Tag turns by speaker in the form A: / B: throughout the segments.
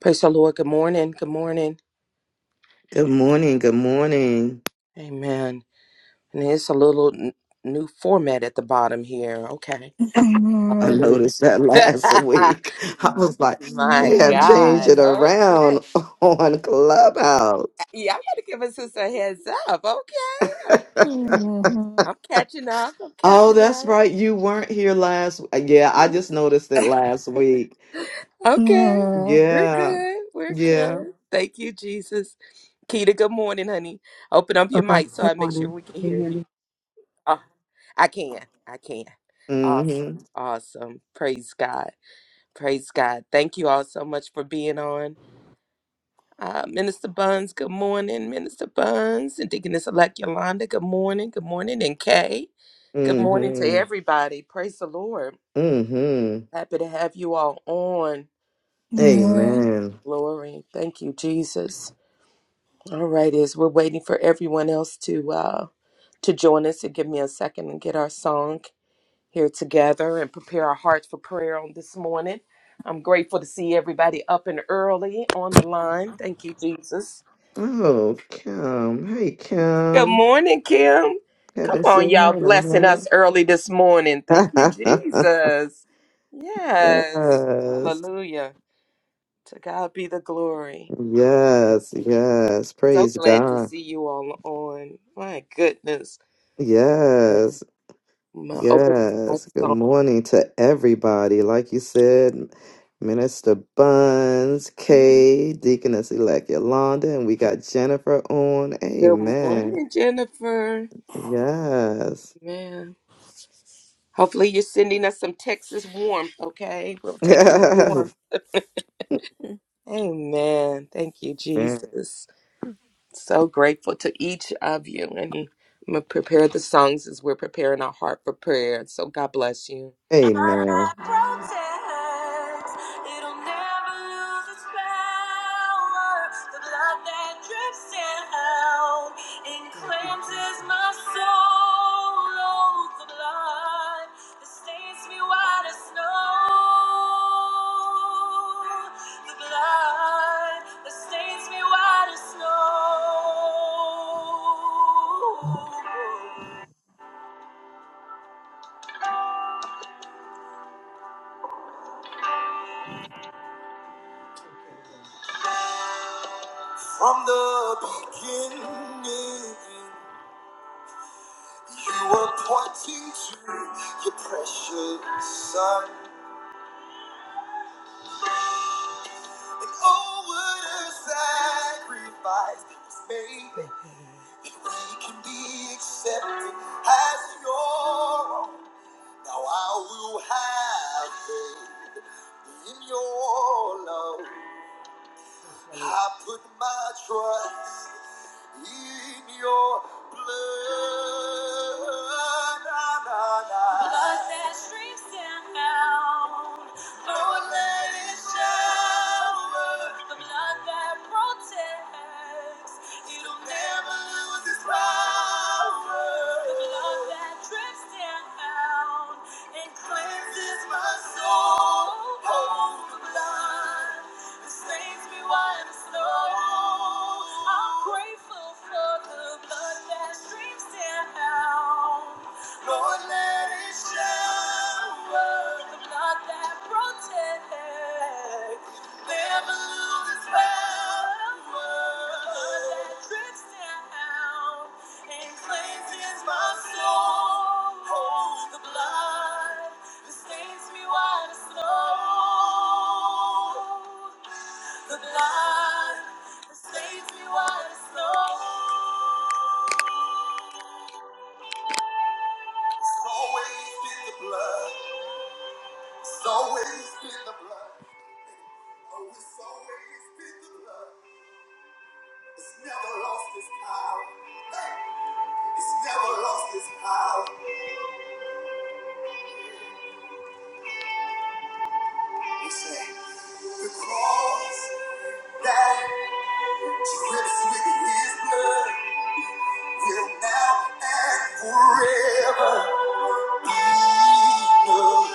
A: Praise the Lord. Good morning. Good morning.
B: Good morning. Good morning.
A: Amen. And it's a little n- new format at the bottom here. Okay.
B: I
C: Hallelujah,
A: Hallelujah.
B: noticed that last week. I was like,
A: My
B: they have changed
A: God.
B: it
C: hallelujah.
B: around
A: Okay.
B: on Clubhouse.
A: Yeah, I am going to give a sister a heads up. Okay. I'm catching up. I'm
B: Oh,
A: catching
B: that's
A: up.
B: right. You weren't here last. Yeah, I just
A: Mhm.
B: noticed it last week.
A: okay. We're
B: Yeah.
A: good. We're
B: Yeah.
A: good. Thank you, Jesus. Keita, good morning, honey. Open up your
D: Okay.
A: mic so
D: Good
A: I make sure
D: morning.
A: we can
D: Can you
A: hear
D: hear me?
A: Oh, I can. I can.
B: Mm-hmm.
A: Awesome. Awesome. Praise God. Praise God. Thank you all so much for being on. Uh, Minister Buns, good morning. Minister Buns and Deaconess Elect Yolanda, good morning. Good morning. And Kay, good morning to
B: Mm-hmm.
A: everybody. Praise the Lord.
B: Mm-hmm.
A: Happy to have you all on.
B: Amen.
A: Glory. Thank you, Jesus. All right, is we're waiting for everyone else to uh to join us and give me a second and get our song here together and prepare our hearts for prayer on this morning. I'm grateful to see everybody up and early on the line. Thank you, Jesus.
B: Oh, Kim. Hey,
A: Good
B: Kim.
A: morning, Kim. Come
B: Haven't
A: on,
B: seen her
A: y'all,
B: in a
A: blessing us
B: minute.
A: early this morning. Thank you, Jesus. Yes.
B: yes.
A: Hallelujah. To God be the glory.
B: Yes, yes.
A: So
B: Praise
A: glad to
B: God.
A: see you all on. My goodness.
B: Yes,
A: My open up my
B: yes. Good
A: song.
B: morning to everybody. Like you said, Minister Buns, Kay, Deaconess Elect Yolanda, and we got Jennifer on.
A: Good
B: Amen.
A: morning, Jennifer.
B: Yes.
A: Man. Hopefully, you're sending us some Texas warmth, okay? We'll take the warmth.
E: Thank
A: Amen. Thank you,
B: Amen.
A: Jesus. So grateful to each of you. And I'm going to prepare the songs as we're preparing our heart for prayer. So God bless you. Love
B: Amen.
E: you,
A: protects, it'll never lose its power. The blood that drips down and cleanses my soul. Oh, the blood that stains me white as snow. From the beginning. You were pointing to your precious son. And all what a sacrifice was made if we can be accepted as your own. Now I will have faith in your love. I put my trust in your blood. Na, na, na. Blood that streams down. Oh, let it shower. The blood that protects. It'll never lose its power. The blood that drips down and cleanses my soul. Oh, the blood. This makes me white as snow. I'm grateful for the blood that streams down. Lord, let it shower. The blood that protects. Never lose its power. Drips down and cleanses my soul. The blood that stains me white as snow. The blood that stains me white as snow. It's always been the blood. It's always been the blood. Oh, it's always been the blood. It's never lost its power. It's never lost its power. You say the cross that drips with His blood will now and forever be enough.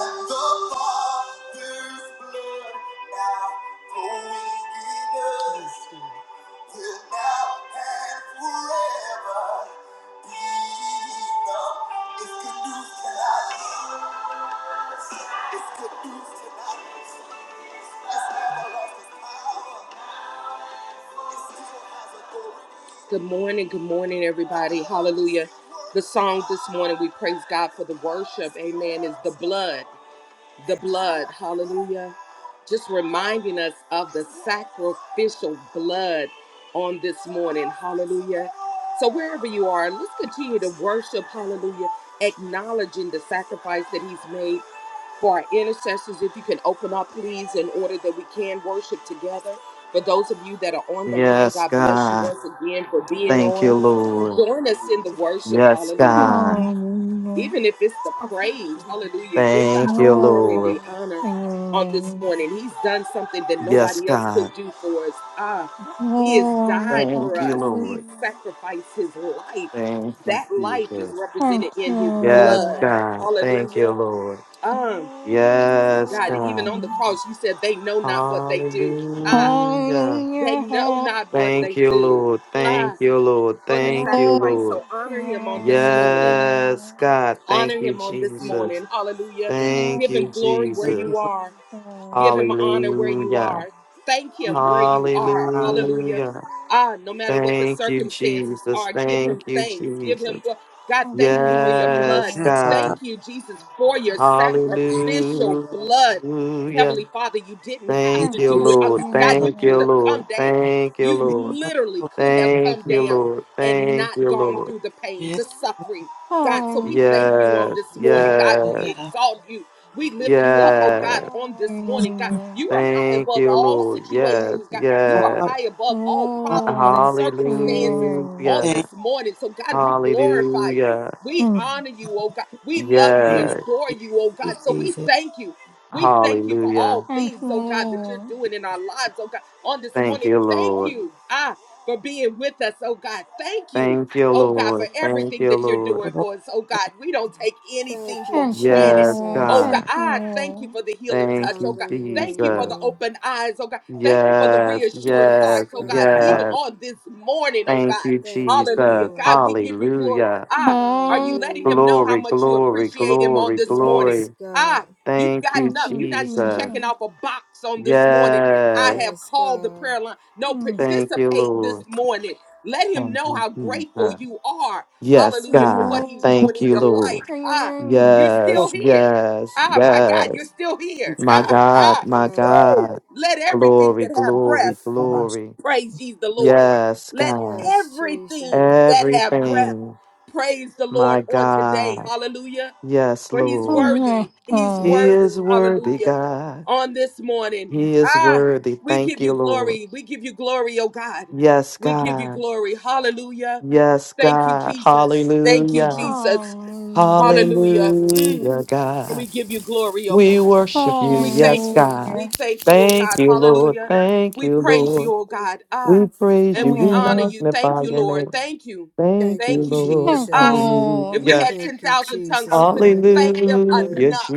A: And the Father's blood now flowing in us. Till now and forever be the- It's good news tonight. It's good news tonight. It's never lost its power. It still has authority. Good morning, good morning, everybody. Hallelujah. The song this morning, we praise God for the worship. Amen. Is the blood the blood, hallelujah. Just reminding us of the sacrificial blood on this morning, hallelujah. So, wherever you are, let's continue to worship, hallelujah, acknowledging the sacrifice that He's made for our intercessors. If you can open up, please, in order that we can worship together. For those of you that are on the line,
B: Yes,
A: God bless you
B: God.
A: once again for being
B: Thank you,
A: on.
B: Lord.
A: Join us in the worship,
B: Yes,
A: hallelujah
B: God.
A: even if it's the praise, hallelujah, give God
B: Thank
A: the
B: you,
A: glory and
B: Lord.
A: the
C: Glory
A: honor
C: to
A: on
C: your name,
A: this morning. He's done something that
B: Yes,
A: nobody else could
B: God.
A: do for us. Ah, He has
C: O
A: died
B: Thank
A: for
B: you,
A: us, He
B: Lord.
C: God.
A: sacrificed His life.
B: Thank
A: That
B: you,
A: life is
B: Jesus.
C: Glory
A: represented in His
B: Yes,
A: blood.
B: God. Thank you,
A: Hallelujah.
B: Lord.
A: Um,
B: Yes,
A: God,
C: to
A: even
B: God.
A: on the cross, you said they know not what they do.
C: your
A: Ah,
B: Hallelujah.
A: they know not what
D: Good.
B: Thank
A: they
B: you,
A: do.
B: Lord. Thank
A: Ah,
B: you, Lord.
A: for the
B: Thank you,
A: sacrifice. So
B: Lord.
A: honor Him on
C: name,
A: this morning.
B: Yes, God. Thank
A: Honor
B: you,
A: him on this
D: Mm.
B: Jesus.
A: morning. Hallelujah.
B: Thank
A: Give
B: you,
A: him glory where
D: Thank you
A: you
B: Jesus.
D: for
A: are. Give him honor where you
B: Hallelujah.
A: are. Thank him
D: coming,
C: O
A: where you are.
D: Father.
A: Hallelujah.
B: Hallelujah.
C: God.
A: Ah, no matter what the
B: Thank you,
A: circumstances
B: Jesus.
A: are, give him
B: Thank you,
A: thanks. Give him
B: Jesus.
A: gl- God,
C: Thank
A: thank you for
C: you,
A: your blood.
B: Yes,
C: God.
D: Yes, I
B: God.
A: Thank
D: tell
A: you, Jesus, for your sacrificial blood.
B: Hallelujah.
A: Heavenly Father, you didn't have
D: Thank
B: Thank
A: to
C: Thank
B: you,
D: you,
A: do
C: you,
A: it. Uh,
B: Lord.
D: Jesus.
A: God, you
B: Thank you,
A: could
C: Jesus.
A: have
B: Lord.
A: come down.
B: Thank you,
A: You
D: Thank you,
B: Lord.
D: Father,
A: literally
D: for
A: could have
B: Thank
A: come
B: you,
A: down
B: Lord.
A: and
B: Thank
A: not
B: you,
A: gone
B: Lord.
A: through the pain,
D: being wonderful.
A: the
D: Yes,
A: suffering. God, so we thank you
C: Hallelujah.
A: on
B: Yes,
A: this morning.
D: Lord,
A: God,
B: yes,
A: we exalt you. We lift you up, oh God,
B: yes.
A: on this morning, God.
C: Hallelujah.
A: You are high
B: Thank
A: above
B: you,
A: all
B: Lord. Yes,
A: situations, God. You are
B: yes.
D: I
A: high above all problems and
C: Glory to
A: circumstances
C: you.
A: on
D: thank
B: Hallelujah.
A: this morning. So, God, we glorify you.
B: Hallelujah.
A: We
C: Mm.
A: honor you, oh God. We love
D: you, Thank
A: you
D: you,
A: and
D: Jesus.
B: Yes.
A: adore
D: Thank
A: you, oh
D: you,
A: God. So, we
D: Jesus.
A: thank you. We thank you for all
B: Hallelujah.
C: Thank
A: things,
C: you,
A: oh God, that you're
C: Lord.
A: doing in our lives, oh God. On this
B: Thank
A: morning,
B: you,
A: thank
B: Lord.
A: you, ah, for being with us, oh God. Thank you,
B: Thank you,
A: oh God, for
B: Lord. Thank
A: everything
B: you,
A: that you're
B: Lord.
D: For
A: doing
D: both of
A: for us, oh God. We don't take anything for
C: Thank you,
A: granted.
B: Yes,
C: Lord.
A: Oh
E: Jesus.
A: God,
B: God.
C: Thank you,
A: thank you
C: Lord.
A: for the healing touch.
B: Thank
A: Oh
B: you,
A: God, thank you for
B: Jesus.
A: the
E: Hallelujah.
A: open eyes. Oh God, thank you for the
B: Yes,
A: reassured
E: Yes,
B: yes,
A: hearts. Oh
D: you,
A: God,
D: Father. For both of you, Jesus. Father, I thank you, Father.
E: God.
A: even
D: For both of you,
B: yes.
A: on this morning. Oh
B: Thank
A: God,
B: you,
E: Thank you,
A: hallelujah.
B: Jesus.
A: God,
E: Lord.
A: we give you glory.
B: Hallelujah.
A: Ah, are you
C: Hallelujah.
A: letting
E: Hallelujah.
A: him know how
B: Glory,
A: much you
B: glory,
A: appreciate him on
B: glory,
A: this morning?
E: Yes,
B: glory.
A: Ah,
E: God.
A: you've
B: Thank you,
A: gotten
C: Thank
A: up.
C: you,
A: You're not just
B: Jesus.
A: checking
C: Jesus.
A: off a box on this morning. I
B: Yes.
A: have
E: Yes,
A: called the
E: God.
A: prayer line. No,
C: Mm.
B: Thank you,
A: participate this
B: Lord.
A: morning. Let him
B: Thank
A: know
B: you,
A: how grateful
B: Jesus.
A: you are.
B: Yes,
A: Hallelujah for what
B: God.
A: he's
C: Oh,
A: doing
B: Thank
A: in
B: you,
A: your
C: glory
A: life.
B: Lord.
C: to
A: Ah,
C: your
A: you're
C: name.
A: still
B: Yes,
A: here.
B: yes,
A: Ah, my God, you're
B: yes.
A: still here.
B: My
A: Ah,
E: Thank you,
B: God,
A: ah.
B: my
E: God.
A: Woo!
B: God.
A: Let everything
B: Glory,
A: that have breath
B: glory, glory.
A: praise ye the Lord.
B: Yes,
A: Let
B: God.
E: Yes, Jesus.
A: everything that have breath
B: Everything,
A: praise the
B: my
A: Lord on today.
B: God.
A: Hallelujah.
B: Yes,
A: For he's
C: Oh,
B: Lord.
A: worthy.
C: yes,
A: He's
C: God.
B: He
A: worthy.
B: is worthy,
A: Hallelujah.
B: God.
A: On this morning.
B: He is
A: Ah,
B: worthy.
A: we
B: Thank
A: give
B: you,
A: you
B: Lord.
A: glory. We give you glory, oh God.
B: Yes,
A: We give you
B: God.
A: glory. Hallelujah.
B: Yes,
A: Thank you,
B: God.
A: Jesus. Thank you,
B: Hallelujah.
A: Jesus.
C: Hallelujah.
A: Hallelujah. Mm.
B: Hallelujah,
A: And
B: God.
A: we give you glory, oh
B: We
A: God.
B: worship
A: We
B: you. Yes,
A: thank you.
B: God.
A: We
C: Hallelujah.
A: thank you, oh
B: Thank
A: God.
B: you, Lord.
A: Hallelujah.
B: Thank
A: We
B: you,
A: praise you,
B: Lord.
A: oh God. Ah,
B: We praise
A: and
B: you.
A: we
B: We
A: honor you. Thank
B: magnify
A: you,
B: your
A: Lord.
B: name.
A: Thank you.
B: Thank
E: Thank
B: you,
E: you,
A: Thank you,
B: Lord.
A: Jesus.
C: Thank
A: Ah,
E: Jesus.
A: if
C: you.
A: we
B: Hallelujah.
A: had
E: Thank you,
A: 10,000 tongues,
E: Jesus.
A: we couldn't thank him
E: Hallelujah.
B: Hallelujah,
A: enough.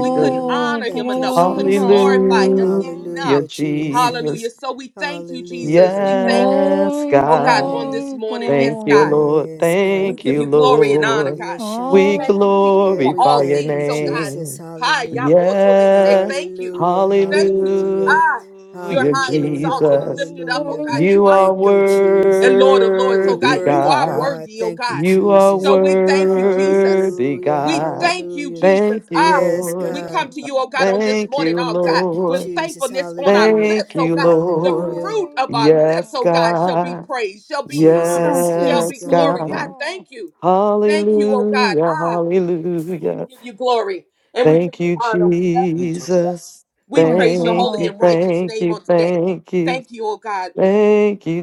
A: We couldn't honor him
E: Thank you,
A: enough. We
C: glory,
A: couldn't
E: Jesus.
A: glorify him
C: hallelujah.
B: Hallelujah,
A: enough.
E: Hallelujah, Jesus.
A: Hallelujah.
B: Jesus.
A: So we thank you, Jesus.
E: Hallelujah.
A: We thank you,
B: Yes,
C: Glory,
A: oh God,
B: God.
A: on
E: Yes.
A: this
C: glory,
A: morning.
B: Thank
A: Yes,
B: you,
A: God.
C: glory.
B: Lord.
E: Yes, God,
A: We
B: Thank
A: give
B: you,
A: you
E: thank you,
A: glory and honor,
B: Lord.
A: God. We
B: We
C: Hallelujah.
E: Shanda.
A: thank you, Jesus,
E: Yeah,
A: for
E: we
A: all
B: glorify your
E: thank you,
A: things. Oh, God.
E: Jesus.
B: name.
A: Hi,
E: Hallelujah.
A: Yaboto. They say
B: Yes.
A: thank you.
E: Hallelujah.
A: Thank you, Jesus.
E: Hallelujah.
A: Ah, you're
B: Hallelujah,
A: high and
E: Hallelujah.
A: exalted and
B: Jesus.
A: lifted up. Oh,
E: Hallelujah.
A: God. You
B: You
C: Hallelujah.
A: are
B: are
E: Thank
A: King of
E: you,
A: kings and
E: Jesus.
A: Lord of lords. Oh,
E: You're
B: worthy,
A: God. You
E: worthy,
A: are
B: God.
E: God.
A: worthy, oh,
E: Thank you,
A: God.
B: You are
E: Jesus.
A: So we thank you, Jesus.
B: worthy,
E: Hallelujah.
A: We
B: God.
A: thank you,
E: Hallelujah.
B: Thank
A: Jesus.
B: you,
A: Ah,
C: Thank
E: Yes,
B: Lord.
A: we
C: you,
E: God.
A: come to you, oh God, on
C: Jesus.
A: this
B: Thank
A: morning,
B: you,
A: oh God,
E: Thank you,
A: with
B: Lord.
E: Jesus.
A: thankfulness on our
E: Hallelujah.
A: lips,
B: Thank
A: oh
B: you,
A: God. The
B: Lord.
E: Hallelujah.
A: fruit of our lips,
C: Hallelujah.
B: Yes,
A: oh God, shall be
B: God.
A: praised, shall be honored,
C: Thank
E: Jesus.
A: shall
C: you,
E: Yes,
A: be
B: Yes,
A: glory.
E: God.
A: God,
B: God.
C: Jesus.
A: thank you. Thank you, oh God.
B: Hallelujah.
A: Ah, and we
B: Hallelujah.
A: give you glory and we give
B: Thank
A: you
B: you,
A: honor. We thank you, Jesus.
B: Jesus.
A: We
C: Thank
A: praise your
B: Thank
A: holy
B: you,
A: and
C: you.
A: righteous
B: thank
A: name
B: you,
A: on today.
B: thank you.
A: Thank you, oh God.
B: Thank you,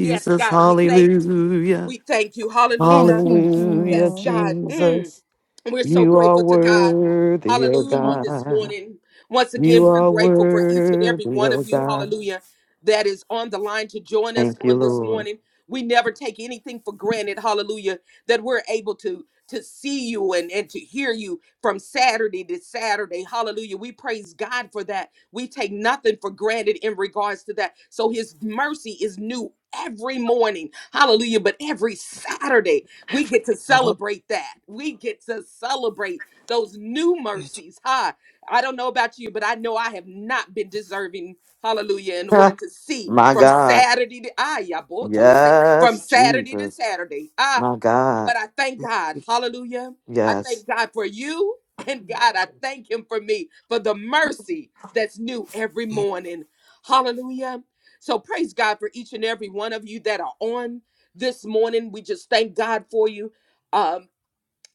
A: Yes, God, we thank you.
B: Hallelujah.
A: We thank you.
C: Thank
A: Hallelujah.
B: Hallelujah,
A: Yes,
C: you,
A: God. Mm.
B: Jesus.
A: We're so
B: You are
A: grateful to God.
B: worthy, oh
A: Hallelujah.
C: Jesus.
A: On this
B: God.
A: morning, once
B: You
A: again, we're
B: are
A: grateful for each and every
B: worthy,
A: one of
B: oh
A: you.
B: God.
A: Hallelujah. That is on the line to join us
B: Thank you,
A: on this
B: Lord.
A: morning. We never take anything for granted. Hallelujah. That we're able to to see you and, and to hear you from Saturday to Saturday. Hallelujah. We praise God for that. We take nothing for granted in regards to that. So his mercy is new every morning. Hallelujah. But every Saturday. We get to celebrate that. We get to celebrate those new mercies. huh? I don't know about you, but I know I have not been deserving. Hallelujah. In order to see
B: My
A: from
B: God.
A: Saturday to ah, yeah, boy,
D: Father,
A: till they say, from
B: Yes,
A: Saturday to
B: Jesus.
A: Saturday. ah.
B: My God.
A: But I thank
D: thank
A: God.
D: you,
A: Hallelujah. I
B: Yes.
A: thank God for you. And God, I thank Him for me, for the mercy that's new every
D: Jesus.
A: morning. Hallelujah. So praise God for each and every one of you that are on this morning. We just thank God for you. Um,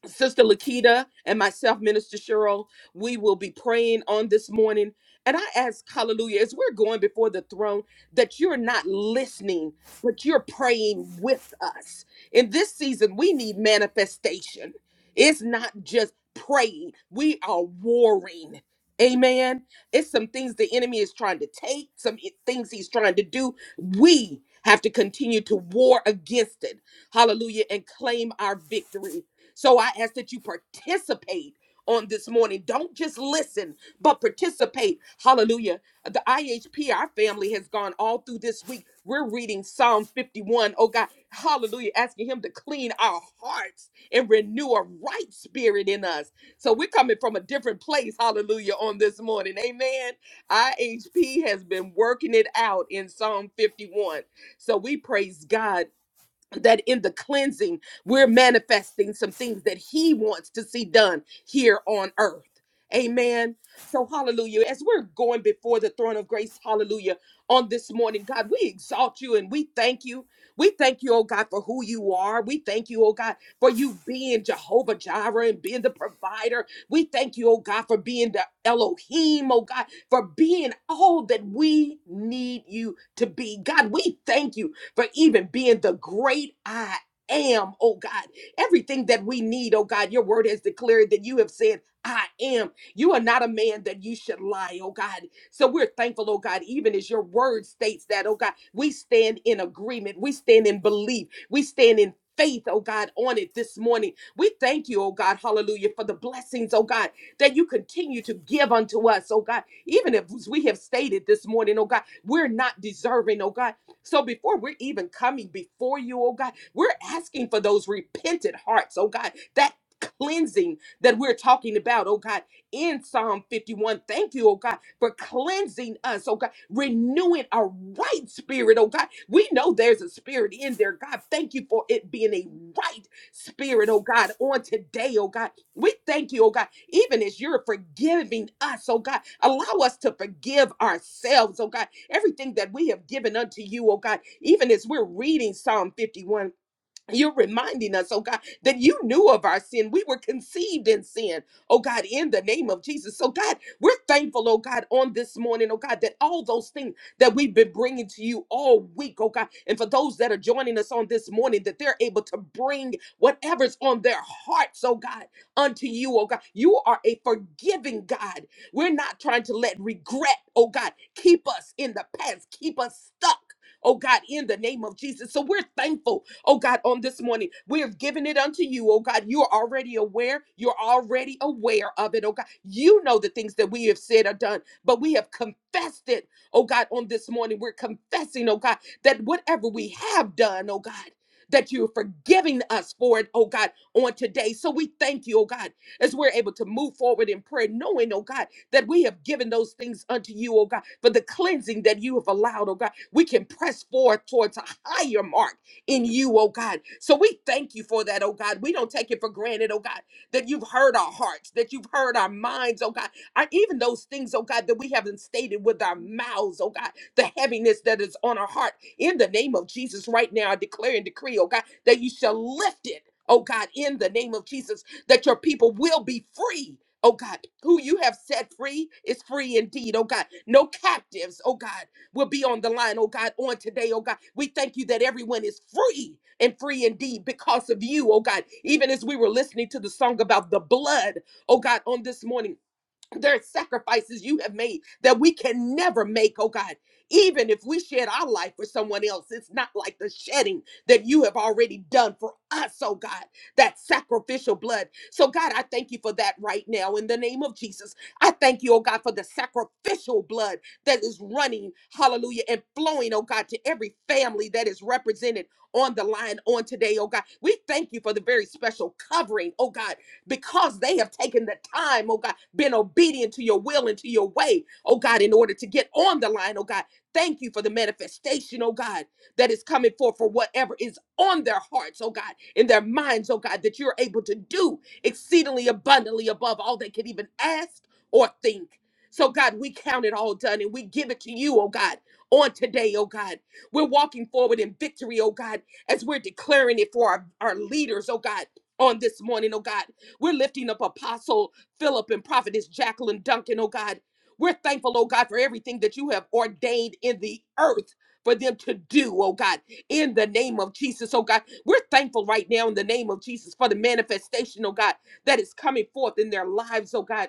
A: Sister Lakita and myself, Minister Cheryl, we will be praying on this morning. And I ask, hallelujah, as we're going before the throne, that you're not listening, but you're praying with us. In this season, we need manifestation. It's not just praying, we are warring. Amen. It's some things the enemy is trying to take, some i- things he's trying to do. We have to continue to war against it. Hallelujah. And claim our victory so I ask that you participate on this morning. Don't just listen, but participate. Hallelujah. The IHP, our family, has gone all through this week. We're reading Psalm 51. Oh God, hallelujah, asking Him to clean our hearts and renew a right spirit in us. So we're coming from a different place, hallelujah, on this morning. Amen. IHP has been working it out in Psalm 51. So we praise God that in the cleansing, we're manifesting some things that He wants to see done here on earth. Amen. So, hallelujah. As we're going before the throne of grace, hallelujah, on this morning, God, we exalt you and we thank you. We thank you, oh God, for who you are. We thank you, oh God, for you being Jehovah Jireh and being the provider. We thank you, oh God, for being the Elohim, oh God, for being all that we need you to be. God, we thank you for even being the great I am, oh God. Everything that we need, oh God, your word has declared that you have said, I am. You are not a man that you should lie, oh God. So we're thankful, oh God, even as your word states that, oh God, we stand in agreement, we stand in belief, we stand in faith, oh God, on it this morning. We thank you, oh God, hallelujah, for the blessings, oh God, that you continue to give unto us, oh God. Even if we have stated this morning, oh God, we're not deserving, oh God. So before we're even coming before you, oh God, we're asking for those repentant hearts, oh God, that cleansing that we're talking about, oh God, in Psalm 51. Thank you, oh God, for cleansing us, oh God, renewing a right spirit, oh God. We know there's a spirit in there, God. Thank you for it being a right spirit, oh God, on today, oh God. We thank you, oh God, even as you're forgiving us, oh God. Allow us to forgive ourselves, oh God. Everything that we have given unto you, oh God, even as we're reading Psalm 51. You're reminding us, oh God, that you knew of our sin. We were conceived in sin, oh God, in the name of Jesus. So, God, we're thankful, oh God, on this morning, oh God, that all those things that we've been bringing to you all week, oh God, and for those that are joining us on this morning, that they're able to bring whatever's on their hearts, oh God, unto you, oh God. You are a forgiving God. We're not trying to let regret, oh God, keep us in the past, keep us stuck. Oh God, in the name of Jesus. So we're thankful Oh God, on this morning, we have given it unto you. Oh God, you are already aware. You're already aware of it. Oh God, you know the things that we have said or done, but we have confessed it. Oh God, on this morning, we're confessing, oh God, that whatever we have done, oh God, that you're forgiving us for it, oh God, on today. So we thank you, oh God, as we're able to move forward in prayer, knowing, oh God, that we have given those things unto you, oh God, for the cleansing that you have allowed, oh God. We can press forward towards a higher mark in you, oh God. So we thank you for that, oh God. We don't take it for granted, oh God, that you've heard our hearts, that you've heard our minds, oh God. I, even those things, oh God, that we haven't stated with our mouths, oh God, the heaviness that is on our heart. In the name of Jesus, right now, I declare and decree, oh God, that you shall lift it, oh God, in the name of Jesus, that your people will be free. Oh God, who you have set free is free indeed. Oh God, no captives. Oh God, will be on the line, oh God, on today, oh God. We thank you that everyone is free and free indeed because of you, oh God. Even as we were listening to the song about the blood, oh God, on this morning. There's sacrifices you have made that we can never make, oh God. Even if we shed our life for someone else, it's not like the shedding that you have already done for us, oh God, that sacrificial blood. So, God, I thank you for that right now in the name of Jesus. I thank you, oh God, for the sacrificial blood that is running, hallelujah, and flowing, oh God, to every family that is represented on the line on today, oh God. We thank you for the very special covering, oh God because they have taken the time, oh God, been obedient to your will and to your way, oh God, in order to get on the line, oh God. Thank you for the manifestation, oh God, that is coming forth for whatever is on their hearts, oh God, in their minds, oh God, that you're able to do exceedingly abundantly above all they could even ask or think. So, God, we count it all done and we give it to you, oh God, on today, oh God. We're walking forward in victory, oh God, as we're declaring it for our, our leaders, oh God, on this morning, oh God. We're lifting up Apostle Philip and Prophetess Jacqueline Duncan, oh God. We're thankful, oh God, for everything that you have ordained in the earth for them to do, oh God, in the name of Jesus, oh God. We're thankful right now in the name of Jesus for the manifestation, oh God, that is coming forth in their lives, oh God.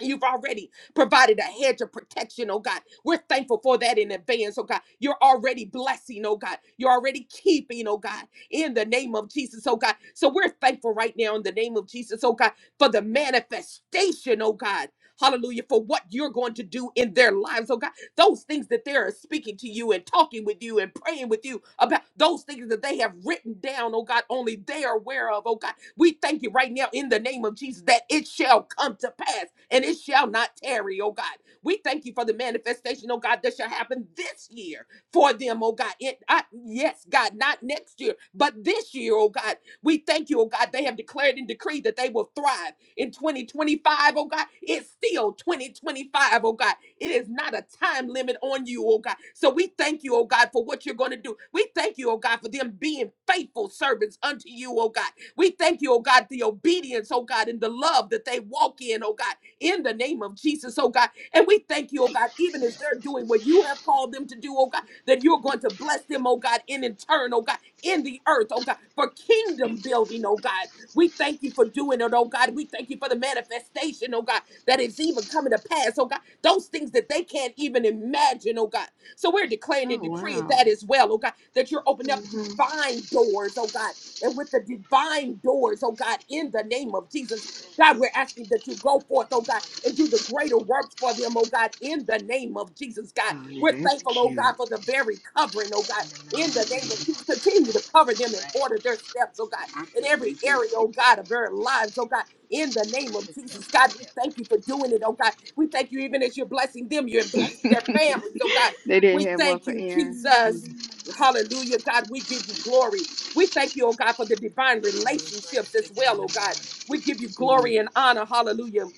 A: You've already provided a hedge of protection, oh God. We're thankful for that in advance, oh God. You're already blessing, oh God. You're already keeping, oh God, in the name of Jesus, oh God. So we're thankful right now in the name of Jesus, oh God, for the manifestation, oh God. Hallelujah, for what you're going to do in their lives, oh God. Those things that they are speaking to you and talking with you and praying with you about, those things that they have written down, oh God, only they are aware of, oh God. We thank you right now in the name of Jesus that it shall come to pass and it shall not tarry, oh God. We thank you for the manifestation, oh God, that shall happen this year for them, oh God. It, I, yes, God, not next year, but this year, oh God. We thank you, oh God. They have declared and decreed that they will thrive in 2025, O God. It's still 2025, O God. It is not a time limit on you, oh God. So we thank you, oh God, for what you're going to do. We thank you, oh God, for them being faithful servants unto you, oh God. We thank you, oh God, the obedience, oh God, and the love that they walk in, oh God, in the name of Jesus, oh God. And we thank you, oh God, even as they're doing what you have called them to do, oh God, that you're going to bless them, oh God, and in turn, oh God, in the earth, oh God, for kingdom building, oh God. We thank you for doing it, oh God. We thank you for the manifestation, oh God, that is even coming to pass, oh God. Those things that they can't even imagine, oh God. So we're declaring and
E: Oh,
A: decreeing that
E: wow.
A: as well, oh God, that you're opening up divine doors, oh God and with the divine doors, oh God, in the name of Jesus. God, we're asking that you go forth, oh God, and do the greater works for them, oh God, in the name of Jesus, God.
E: Oh, yeah,
A: We're
E: that's
A: thankful, oh God,
E: cute.
A: for the very covering, oh God, in the name of Jesus. Continue to cover them and order their steps, oh God, in every area, oh God, of their lives, oh God, in the name of Jesus, God. We thank you for doing it, oh God. We thank you even as you're blessing them, you're blessing their families, oh God.
E: They
A: We
E: didn't have one
A: thank
E: for
A: you,
E: Aaron. No, Mm.
A: Jesus.
E: they used
A: Hallelujah, God. We give you glory. We thank you, oh God, for the divine
E: to
A: relationships as well, oh God. We give you glory and honor. Hallelujah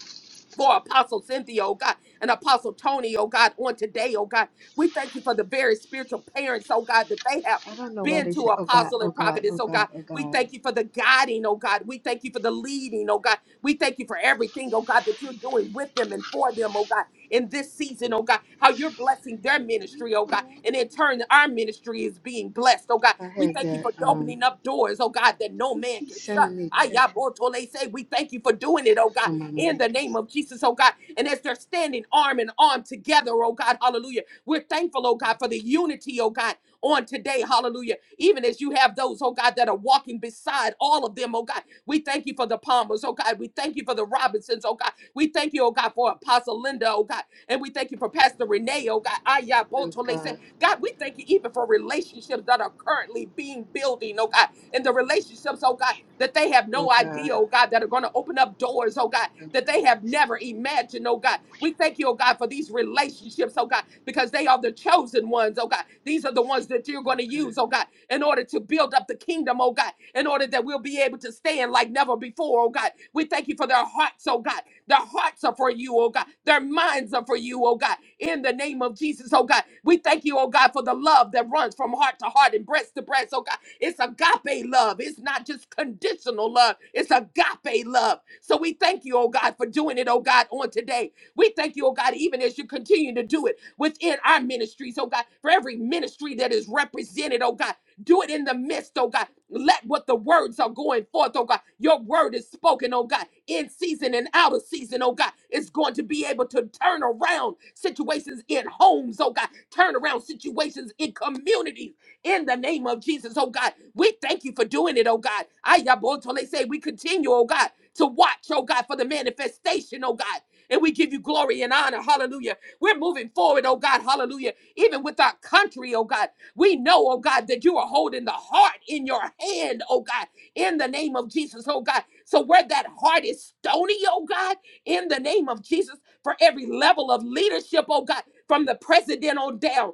A: for Apostle Cynthia, oh God, and Apostle Tony, oh God, on today, oh God. We thank you for the very spiritual parents, oh God, that they have
E: I don't know why
A: been
E: they
A: to
E: said, "Oh God,
A: apostle
E: oh
A: and
E: God,
A: prophetess,
E: oh
A: oh God.
E: God, oh
A: We
E: God."
A: thank you for the guiding, oh God. We thank you for the leading, oh God. We thank you for everything, oh God, that you're doing with them and for them, oh God, in this season, oh God, how you're blessing their ministry, oh God. And in turn, our ministry is being blessed, oh God.
E: I
A: We
E: had
A: thank you
E: that.
A: for
E: Um,
A: opening up doors, oh God, that no
E: who
A: man
E: keeps
A: can shut.
E: sending me texts
A: Ayabotole say, we thank you for doing it, oh God
E: on my
A: in the
E: mic
A: name
E: is,
A: of Jesus, oh God. And as they're standing arm in arm together, oh God, hallelujah. We're thankful, oh God, for the unity, oh God, on today, hallelujah. Even as you have those, oh God, that are walking beside all of them, oh God. We thank you for the Palmers, oh God. We thank you for the Robinsons, oh God. We thank you, oh God, for Apostle Linda, oh God. And we thank you for Pastor Renee, oh God. Ayah,
E: "Oh
A: Botolese.
E: God,
A: God, we thank you even for relationships that are currently being building, oh God, and the relationships, oh God, that they have
E: oh
A: no idea,
E: God,
A: oh God, that are going to open up doors, oh God,
E: oh
A: that
E: God,
A: they have never imagined, oh God. We thank you, oh God, for these relationships, oh God, because they are the chosen ones, oh God. These are the ones that you're going to
E: oh
A: use,
E: God."
A: oh God, in order to build up the kingdom, oh God, in order that we'll be able to stand like never before, oh God. We thank you for their hearts, oh God. Their hearts are for you, oh God. Their minds are for you, oh God. In the name of Jesus, oh God. We thank you, oh God, for the love that runs from heart to heart and breast to breast, oh God. It's agape love. It's not just conditional love, it's agape love. So we thank you, oh God, for doing it, oh God, on today. We thank you, oh God, even as you continue to do it within our ministries, oh God, for every ministry that is represented, oh God. Do it in the midst, oh God. Let what the words are going forth, oh God. Your word is spoken, oh God, in season and out of season, oh God. It's going to be able to turn around situations in homes, oh God. Turn around situations in communities in the name of Jesus, oh God. We thank you for doing it, oh God. Ayabotole say we continue, oh God, to watch, oh God, for the manifestation, oh God. And we give you glory and honor. Hallelujah. We're moving forward, oh God. Hallelujah. Even with our country, oh God. We know, oh God, that you are holding the heart in your hand, oh God, in the name of Jesus, oh God. So where that heart is stony, oh God, in the name of Jesus, for every level of leadership, oh God, from the president on down.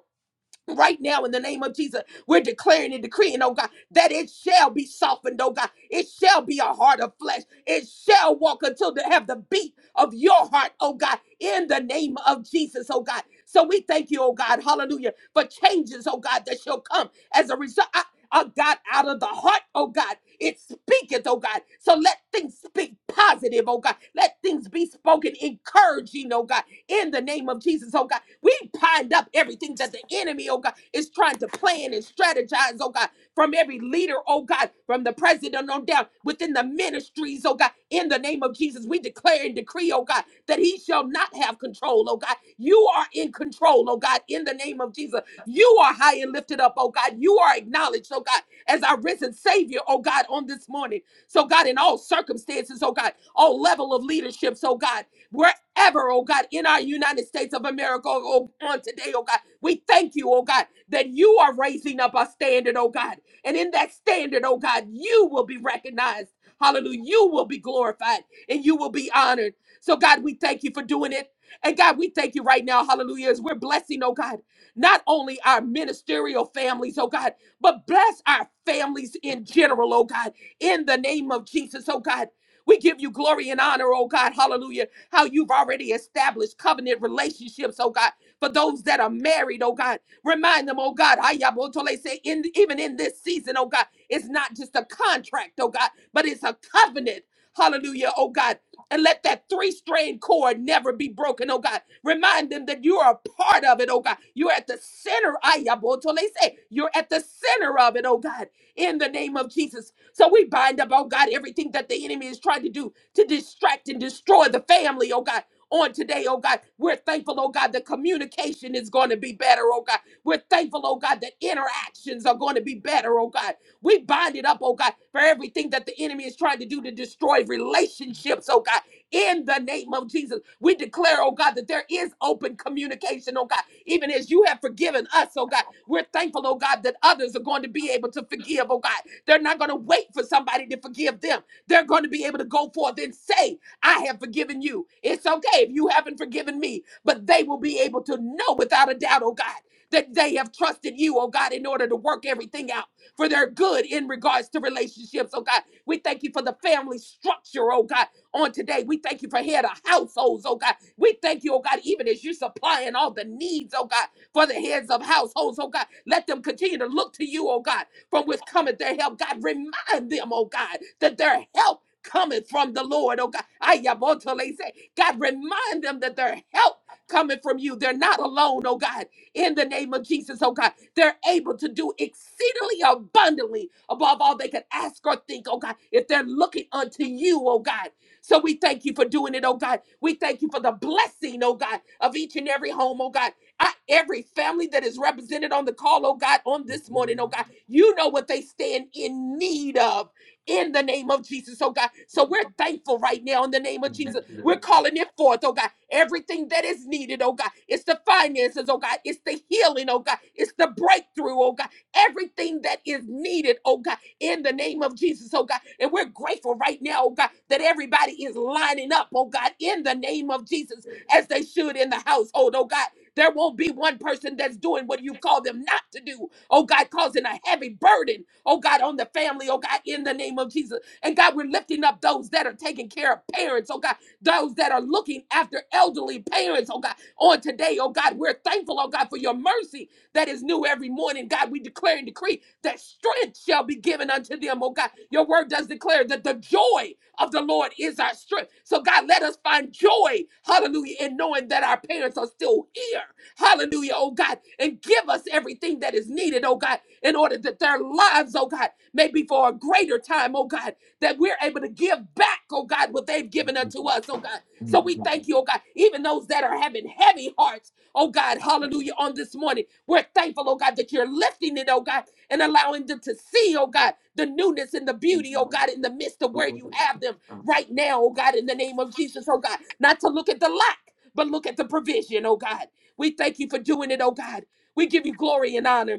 A: Right now, in the name of Jesus, we're declaring and decreeing, oh God, that it shall be softened, oh God. It shall be a heart of flesh. It shall walk until they have the beat of your heart, oh God, in the name of Jesus, oh God. So we thank you, oh God, hallelujah, for changes, oh God, that shall come as a result oh God, out of the heart, oh God. It speaketh, oh God. So let things speak positive, oh God. Let things be spoken encouraging, oh God, in the name of Jesus, oh God. We bind up everything that the enemy, oh God, is trying to plan and strategize, oh God from every leader, oh God, from the president on down, within the ministries, oh God. In the name of Jesus, we declare and decree, oh God, that he shall not have control, oh God. You are in control, oh God, in the name of Jesus. You are high and lifted up, oh God. You are acknowledged, oh God, as our risen Savior, oh God, on this morning. So, God, in all circumstances, oh God, all level of leaderships, oh God, wherever, oh God, in our United States of America, oh, on today, oh God, we thank you, oh God, that you are raising up our standard, oh God. And in that standard, oh God, you will be recognized. Hallelujah. You will be glorified and you will be honored. So, God, we thank you for doing it. And God, we thank you right now, hallelujah, as we're blessing, oh God, not only our ministerial families, oh God, but bless our families in general, oh God, in the name of Jesus, oh God. We give you glory and honor, oh God, hallelujah, how you've already established covenant relationships, oh God, for those that are married, oh God. Remind them, oh God, Ayabotole say, in, even in this season, oh God, it's not just a contract, oh God, but it's a covenant. Hallelujah, oh God. And let that three strand cord never be broken, oh God. Remind them that you are a part of it, oh God. You're at the center, Ayabotole say, you're at the center of it, oh God, in the name of Jesus. So we bind up, oh God, everything that the enemy is trying to do to distract and destroy the family, oh God on today, oh God. We're thankful, oh God, the communication is going to be better, oh God. We're thankful, oh God, that interactions are going to be better, oh God. We bind it up, oh God, for everything that the enemy is trying to do to destroy relationships, oh God. In the name of Jesus, we declare, oh God, that there is open communication, oh God. Even as you have forgiven us, oh God, we're thankful, oh God, that others are going to be able to forgive, oh God. They're not going to wait for somebody to forgive them. They're going to be able to go forth and say, I have forgiven you. It's okay if you haven't forgiven me, but they will be able to know without a doubt, oh God that they have trusted you, oh God, in order to work everything out for their good in regards to relationships, oh God. We thank you for the family structure, oh God, on today. We thank you for head of households, oh God. We thank you, oh God, even as you're supplying all the needs, oh God, for the heads of households, oh God. Let them continue to look to you, oh God, from which cometh their help. God, remind them, oh God, that their help cometh from the Lord, oh God. Ayabotole say, God, remind them that their help coming from you. They're not alone, oh God in the name of Jesus, oh God. They're able to do exceedingly abundantly above all they could ask or think, oh God, if they're looking unto you, oh God. So we thank you for doing it, oh God. We thank you for the blessing, oh God, of each and every home, oh God. I- every family that is represented on the call, oh God, on this morning, oh God, you know what they stand in need of in the name of Jesus, oh God. So we're thankful right now in the name of Jesus. We're calling it forth, oh God. Everything that is needed, oh God. It's the finances, oh God. It's the healing, oh God. It's the breakthrough, oh God. Everything that is needed, oh God, in the name of Jesus, oh God. And we're grateful right now, oh God, that everybody is lining up, oh God, in the name of Jesus, as they should in the household, oh God. There won't be one person that's doing what you call them not to do. Oh God, causing a heavy burden, oh God, on the family, oh God, in the name of Jesus. And God, we're lifting up those that are taking care of parents, oh God those that are looking after elderly parents, oh God, on today, oh God. We're thankful, oh God, for your mercy that is new every morning. God, we declare and decree that strength shall be given unto them, oh God. Your word does declare that the joy of the Lord is our strength. So, God, let us find joy, hallelujah, in knowing that our parents are still here, hallelujah, oh God, and give us everything that is needed, oh God, in order that their lives, oh God, may be for a greater time, oh God, that we're able to give back, oh God, what they've given unto us, oh God. So we thank you, oh God, even those that are having heavy hearts, oh God, hallelujah, on this morning. We're thankful, oh God, that you're lifting it, oh God, and allowing them to see, oh God, the newness and the beauty, oh God, in the midst of where you have them right now, oh God, in the name of Jesus, oh God. Not to look at the lack, but look at the provision, oh God. We thank you for doing it, oh God. We give you glory and honor.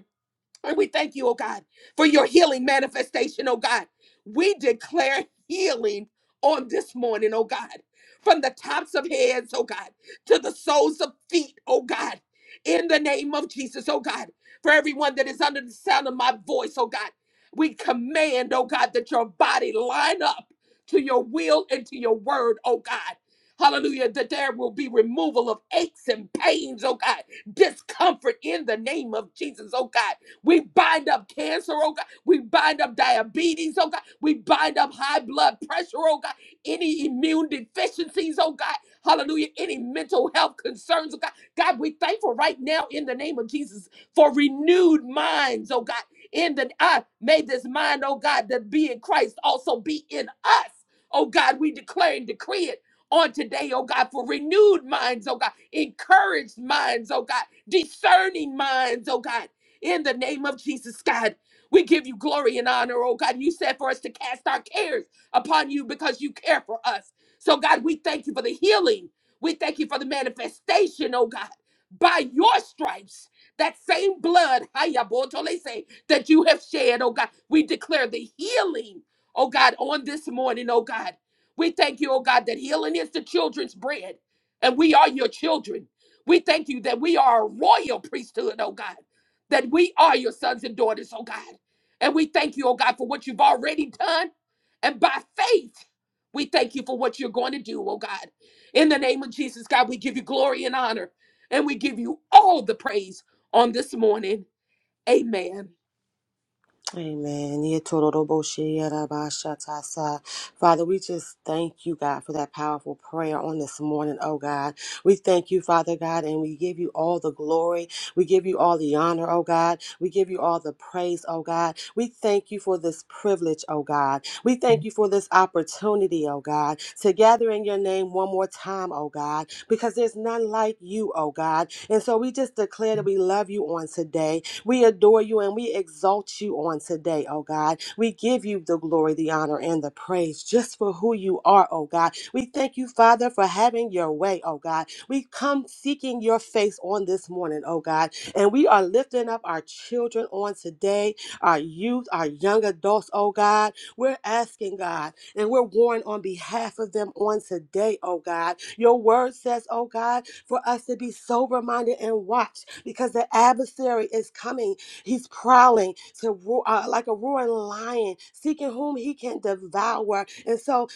A: And we thank you, oh God, for your healing manifestation, oh God. We declare healing on this morning, oh God, from the tops of heads, oh God, to the soles of feet, oh God, in the name of Jesus, oh God, for everyone that is under the sound of my voice, oh God. We command, oh God, that your body line up to your will and to your word, oh God. Hallelujah, that there will be removal of aches and pains, oh God, discomfort in the name of Jesus, oh God we bind up cancer, oh God. We bind up diabetes, oh God. We bind up high blood pressure, oh God. Any immune deficiencies, oh God. Hallelujah. Any mental health concerns, oh God. God, we thankful right now in the name of Jesus for renewed minds, oh God. In the I made this mind, oh God, that be in Christ also be in us. Oh God, we declare and decree it on today, oh God, for renewed minds, oh God, encouraged minds, oh God, discerning minds, oh God. In the name of Jesus, God, we give you glory and honor, oh God. You said for us to cast our cares upon you because you care for us. So, God, we thank you for the healing. We thank you for the manifestation, oh God, by your stripes. That same blood, haya botole say, that you have shed, oh God. We declare the healing, oh God, on this morning, oh God. We thank you, oh God, that healing is the children's bread, and we are your children. We thank you that we are a royal priesthood, oh God that we are your sons and daughters, oh God. And we thank you, oh God, for what you've already done. And by faith, we thank you for what you're going to do, oh God. In the name of Jesus, God, we give you glory and honor. And we give you all the praise on this morning. Amen.
D: Amen. Yetoroboshe-yarabashatasa. Father, we just thank you, God, for that powerful prayer on this morning, oh God. We thank you, Father God, and we give you all the glory. We give you all the honor, oh God. We give you all the praise, oh God. We thank you for this privilege, oh God. We thank you for this opportunity, oh God, to gather in your name one more time, oh God, because there's none like you, oh God. And so we just declare that we love you on today. We adore you and we exalt you on today, oh God. We give you the glory, the honor, and the praise just for who you are, oh God. We thank you, Father, for having your way, oh God. We come seeking your face on this morning, oh God. And we are lifting up our children on today, our youth, our young adults, oh God. We're asking, God, and we're warring on behalf of them on today, oh God. Your word says, oh God, for us to be sober minded and watch because the adversary is coming. He's prowling to ro- uh, like a roaring lion, seeking whom he can devour. And so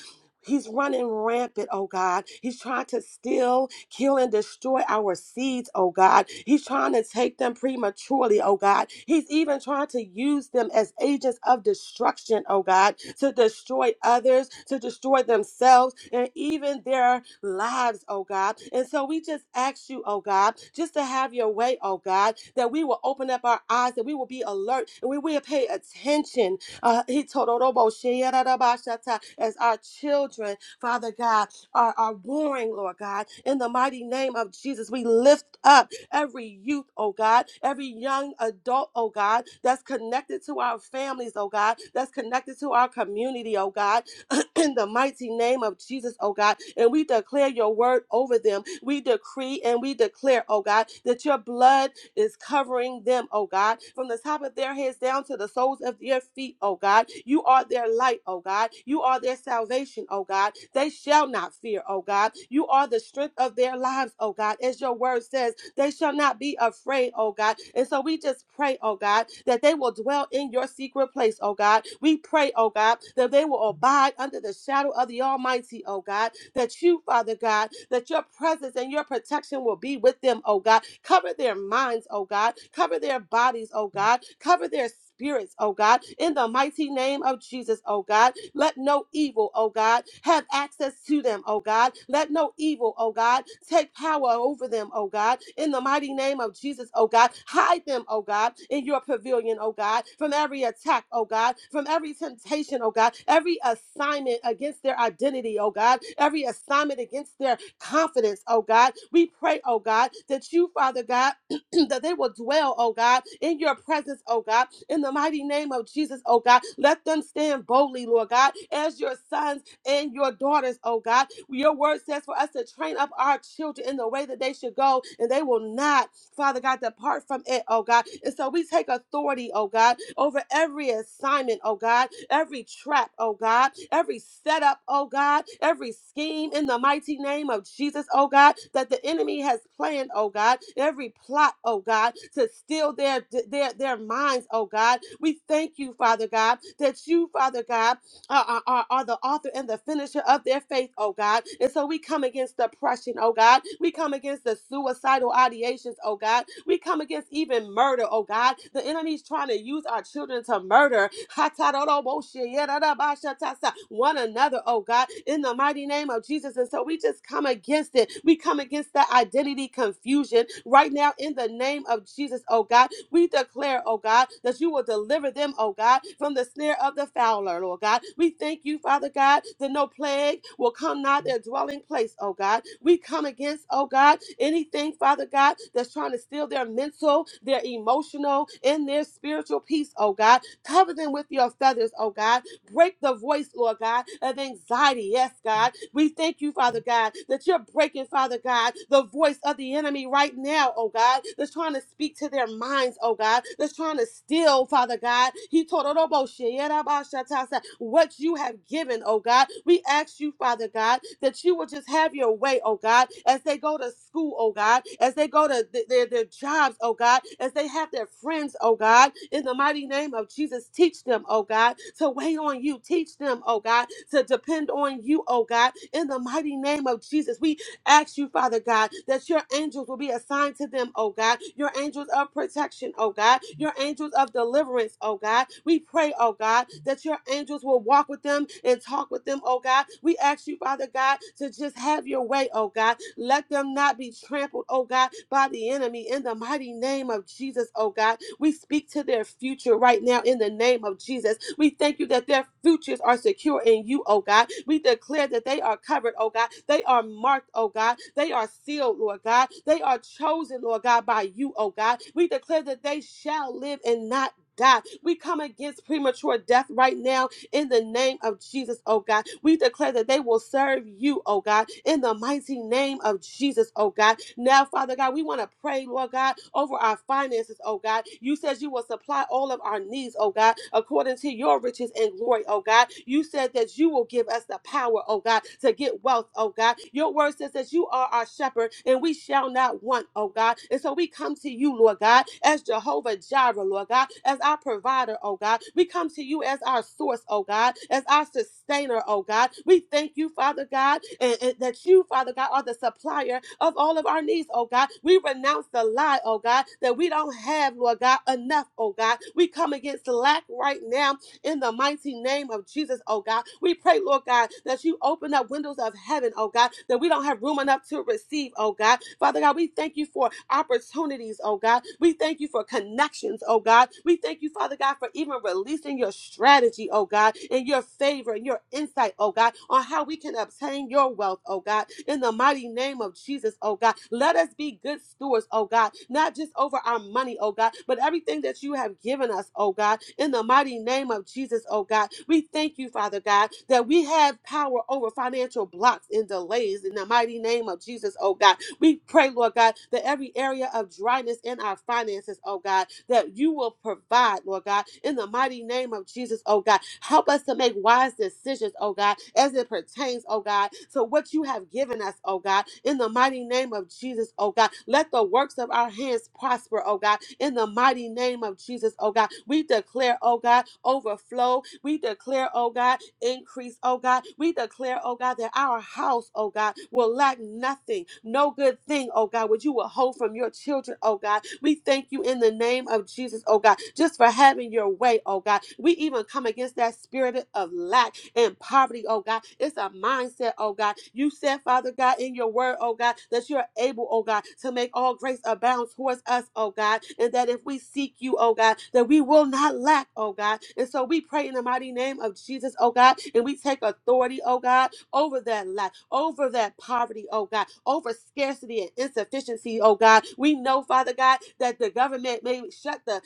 D: He's running rampant, oh God. He's trying to steal, kill, and destroy our seeds, oh God. He's trying to take them prematurely, oh God. He's even trying to use them as agents of destruction, oh God, to destroy others, to destroy themselves, and even their lives, oh God. And so we just ask you, oh God, just to have your way, oh God, that we will open up our eyes, that we will be alert, and we will pay attention uh, he told Orobo, "Sheyarabashata," as our children, Father God, are, are warring, Lord God. In the mighty name of Jesus, we lift up every youth, oh God, every young adult, oh God, that's connected to our families, oh God, that's connected to our community, oh God, in the mighty name of Jesus, oh God. And we declare your word over them. We decree and we declare, oh God, that your blood is covering them, oh God, from the top of their heads down to the soles of their feet, oh God. You are their light, oh God. You are their salvation, oh God. They shall not fear, oh God. You are the strength of their lives, oh God. As your word says, they shall not be afraid, oh God. And so we just pray, oh God, that they will dwell in your secret place, oh God. We pray, oh God, that they will abide under the shadow of the Almighty, oh God. That you, Father God, that your presence and your protection will be with them, oh God. Cover their minds, oh God. Cover their bodies, oh God. Cover their spirits, oh God. In the mighty name of Jesus, oh God. Let no evil, oh God, have access to them, oh God. Let no evil, oh God, take power over them, oh God. In the mighty name of Jesus, oh God. Hide them, oh God, in your pavilion, oh God, from every attack, oh God, from every temptation, oh God, every assignment against their identity, oh God, every assignment against their confidence, oh God. We pray, oh God, that you, Father God, that they will dwell, oh God, in your presence, oh God, in the mighty name of Jesus, oh God. Let them stand boldly, Lord God, as your sons and your daughters, oh God. Your word says for us to train up our children in the way that they should go, and they will not, Father God, depart from it, oh God. And so we take authority, oh God, over every assignment, oh God, every trap, oh God, every setup, oh God, every scheme in the mighty name of Jesus, oh God, that the enemy has planned, oh God, every plot, oh God, to steal their their their minds, oh God. We thank you, Father God, that you, Father God, are, are, are the author and the finisher of their faith, oh God. And so we come against depression, oh God. We come against the suicidal ideations, oh God. We come against even murder, oh God. The enemy's trying to use our children to murder one another, oh God, in the mighty name of Jesus. And so we just come against it. We come against that identity confusion right now in the name of Jesus, oh God. We declare, oh God, that you will deliver them, oh God, from the snare of the fowler, Lord God. We thank you, Father God, that no plague will come nigh their dwelling place, oh God. We come against, oh God, anything, Father God, that's trying to steal their mental, their emotional, and their spiritual peace, oh God. Cover them with your feathers, oh God Break the voice, Lord God, of anxiety. Yes, God. We thank you, Father God, that you're breaking, Father God, the voice of the enemy right now, oh God, that's trying to speak to their minds, oh God, that's trying to steal, Father God. He told Oroboshe, Yerabashatasa, what you have given, oh God. We ask ask you, Father God, that you will just have your way, oh God, as they go to school, oh God, as they go to th- their, their jobs, oh God, as they have their friends, oh God, in the mighty name of Jesus, teach them, oh God, to wait on you. Teach them, oh God, to depend on you, oh God, in the mighty name of Jesus. We ask you, Father God, that your angels will be assigned to them, oh God, your angels of protection, oh God, your angels of deliverance, oh God. We pray, oh God, that your angels will walk with them and talk with them, oh God. We ask you, Father God, to just have your way, oh God. Let them not be trampled, oh God, by the enemy, family in the mighty name of Jesus, oh God. We speak to their future right now in the name of Jesus. We thank you that their futures are secure in you, oh God. We declare that they are covered, oh God. They are marked, oh God. They are sealed, Lord God. They are chosen, Lord God, by you, oh God. We declare that they shall live and not die. We come against premature death right now in the name of Jesus, oh God. We declare that they will serve you, oh God, in the mighty name of Jesus, oh God. Now, Father God, we want to pray, Lord God, over our finances, oh God. You said you will supply all of our needs, oh God, according to your riches and glory, oh God. You said that you will give us the power, oh God, to get wealth, oh God. Your word says that you are our shepherd and we shall shall not want, oh God. And so we come to you, Lord God, as Jehovah Jireh, Lord God, as our provider, oh God. We come to you as our source, oh God, as our sustainer, oh God. We thank you, Father God, and, and that you, Father God, are the supplier of all of our needs, oh God. We renounce the lie, oh God, that we don't have, Lord God, enough, oh God. We come against lack right now in the mighty name of Jesus, oh God. We pray, Lord God, that you open up windows of heaven, oh God, that we don't have room enough to receive, oh God. Father God, we thank you for opportunities, oh God. We thank you for connections, oh God. We thank you, Father God, for even releasing your strategy, oh God, and your favor and your insight, oh God, on how we can obtain your wealth, oh God. In the mighty name of Jesus, oh God, let us be good stewards, oh God, not just over our money, oh God, but everything that you that you have given us, oh God, in the mighty name of Jesus, oh God. We thank you, Father God, that we have power over financial blocks and delays in the mighty name of Jesus, oh God. We pray, Lord God, that every area of dryness in our finances, oh God, that you will provide, Lord God, in the mighty name of Jesus, oh God. Help us to make wise decisions, oh God, as it pertains, oh God, to what you have given us, oh God, in the mighty name of Jesus, oh God. Let the works of our our hands prosper, oh God. In the mighty name of Jesus, oh God, we declare, oh God, overflow. We declare, oh God, increase, oh God. We declare, oh God, that our house, oh God, will lack nothing, no good thing, oh God, which you will hold from your children, oh God. We thank you in the name of Jesus, oh God, just for having your way, oh God. We even come against that spirit of lack and poverty, oh God. It's a mindset, oh God. You said, Father God, in your word, oh God. God, that you're able, oh God, to make all grace abound towards us, oh God, and that if we seek you, oh God, that we will not lack, oh God. And so we pray in the mighty name of Jesus, oh God, and we take authority, oh God, over that lack, over that poverty, oh God, over scarcity and insufficiency, oh God. We know, Father God, that the government may shut the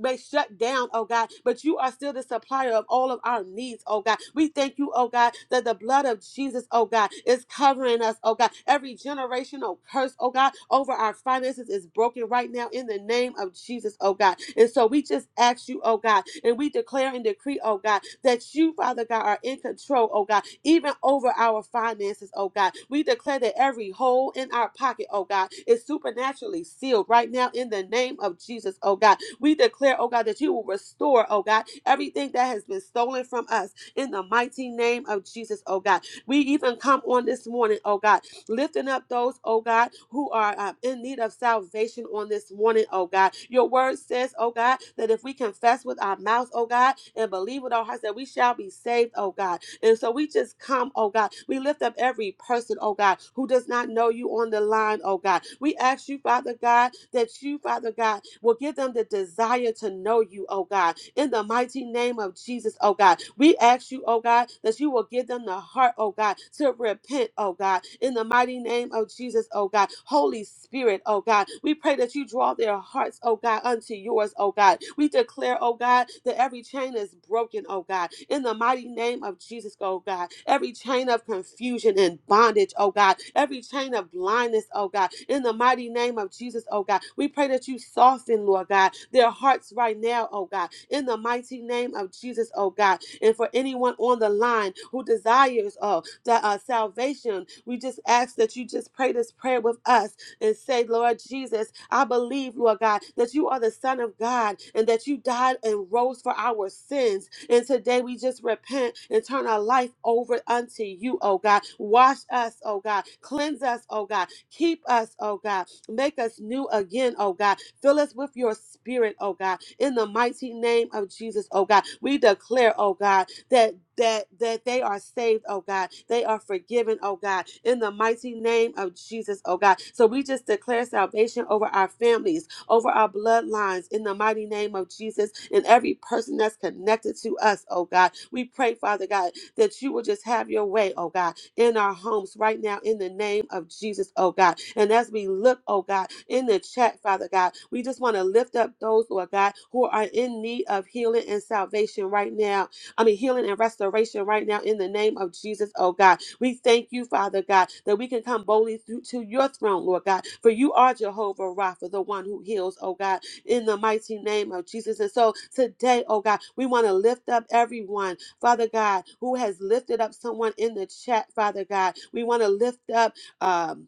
D: may shut down, oh God, but you are still the supplier of all of our needs, oh God. We thank you, oh God, that the blood of Jesus Jesus, oh God, is covering us, oh God. Every generational curse, oh God, over our finances is broken right now in the name of Jesus, oh God. And so we just ask you, oh God, and we declare and decree, oh God, that you, Father God, are in control, oh God, even over our finances, oh God. We declare that every hole in our pocket, oh God, is supernaturally sealed right now in the name of Jesus, oh God. We declare, oh God, that you will restore, oh God, everything that has been stolen from us in the mighty name of Jesus, oh God. We even come on this morning, oh God, lifting up those, oh God, who are uh, in need of salvation on this morning, oh God. Your word says, oh God, that if we confess with our mouth, oh God, and believe with our hearts that we shall be saved, oh God. And so we just come, oh God. We lift up every person, oh God, who does not know you on the line, oh God. We ask you, Father God, that you, Father God, will give them the desire to know you, oh God. In the mighty name of Jesus, oh God. We ask you, oh God, that you will give them the heart, oh God, to repent, oh God. In the mighty name of Jesus, oh God. Holy Spirit, oh God. We pray that you draw their hearts, oh God, unto yours, oh God. We declare, oh God, that every chain is broken, oh God. In the mighty name of Jesus, oh God. Every chain of confusion and bondage, oh God. Every chain of blindness, oh God. In the mighty name of Jesus, oh God. We pray that you soften, Lord God, their hearts right now, oh God. In the mighty name of Jesus, oh God. And for anyone on the line who desires, oh, the uh, salvation, we just ask that you just pray this prayer with us and say, Lord Jesus, I believe, Lord God, that you are the Son of God and that you died and rose for our sins. And today we just repent and turn our life over unto you, oh God. Wash us, oh God. Cleanse us, oh God. Keep us, oh God. Make us new again, oh God. Fill us with your spirit, oh God. In the mighty name of Jesus, oh God, we declare, oh God, that that that they are saved, oh God. They are forgiven, oh God, in the mighty name of Jesus, oh God. So we just declare salvation over our families, over our bloodlines, in the mighty name of Jesus, and every person that's connected to us, oh God. We pray, Father God, that you will just have your way, oh God, in our homes right now in the name of Jesus, oh God. And as we look, oh God, in the chat, Father God, we just want to lift up those, Lord God, who are in need of healing and salvation right now I mean, healing and restoration right now in the name of Jesus, oh God. We thank you, Father God, that we can come boldly through to your throne, Lord God, for you are Jehovah Rapha, the one who heals, oh God, in the mighty name of Jesus. And so today, oh God, we want to lift up everyone, Father God, who has lifted up someone in the chat, Father God. We want to lift up, um,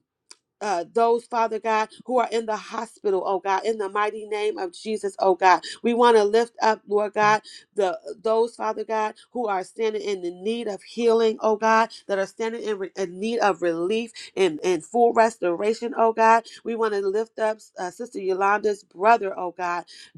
D: uh, those, Father God, who are in the hospital, oh God, in the mighty name of Jesus, oh God. We want to lift up, Lord God, the those, Father God, who are standing in the need of healing, oh God, that are standing in, re- in need of relief and, and full restoration, oh God. We want to lift up uh, Sister Yolanda's brother, oh God,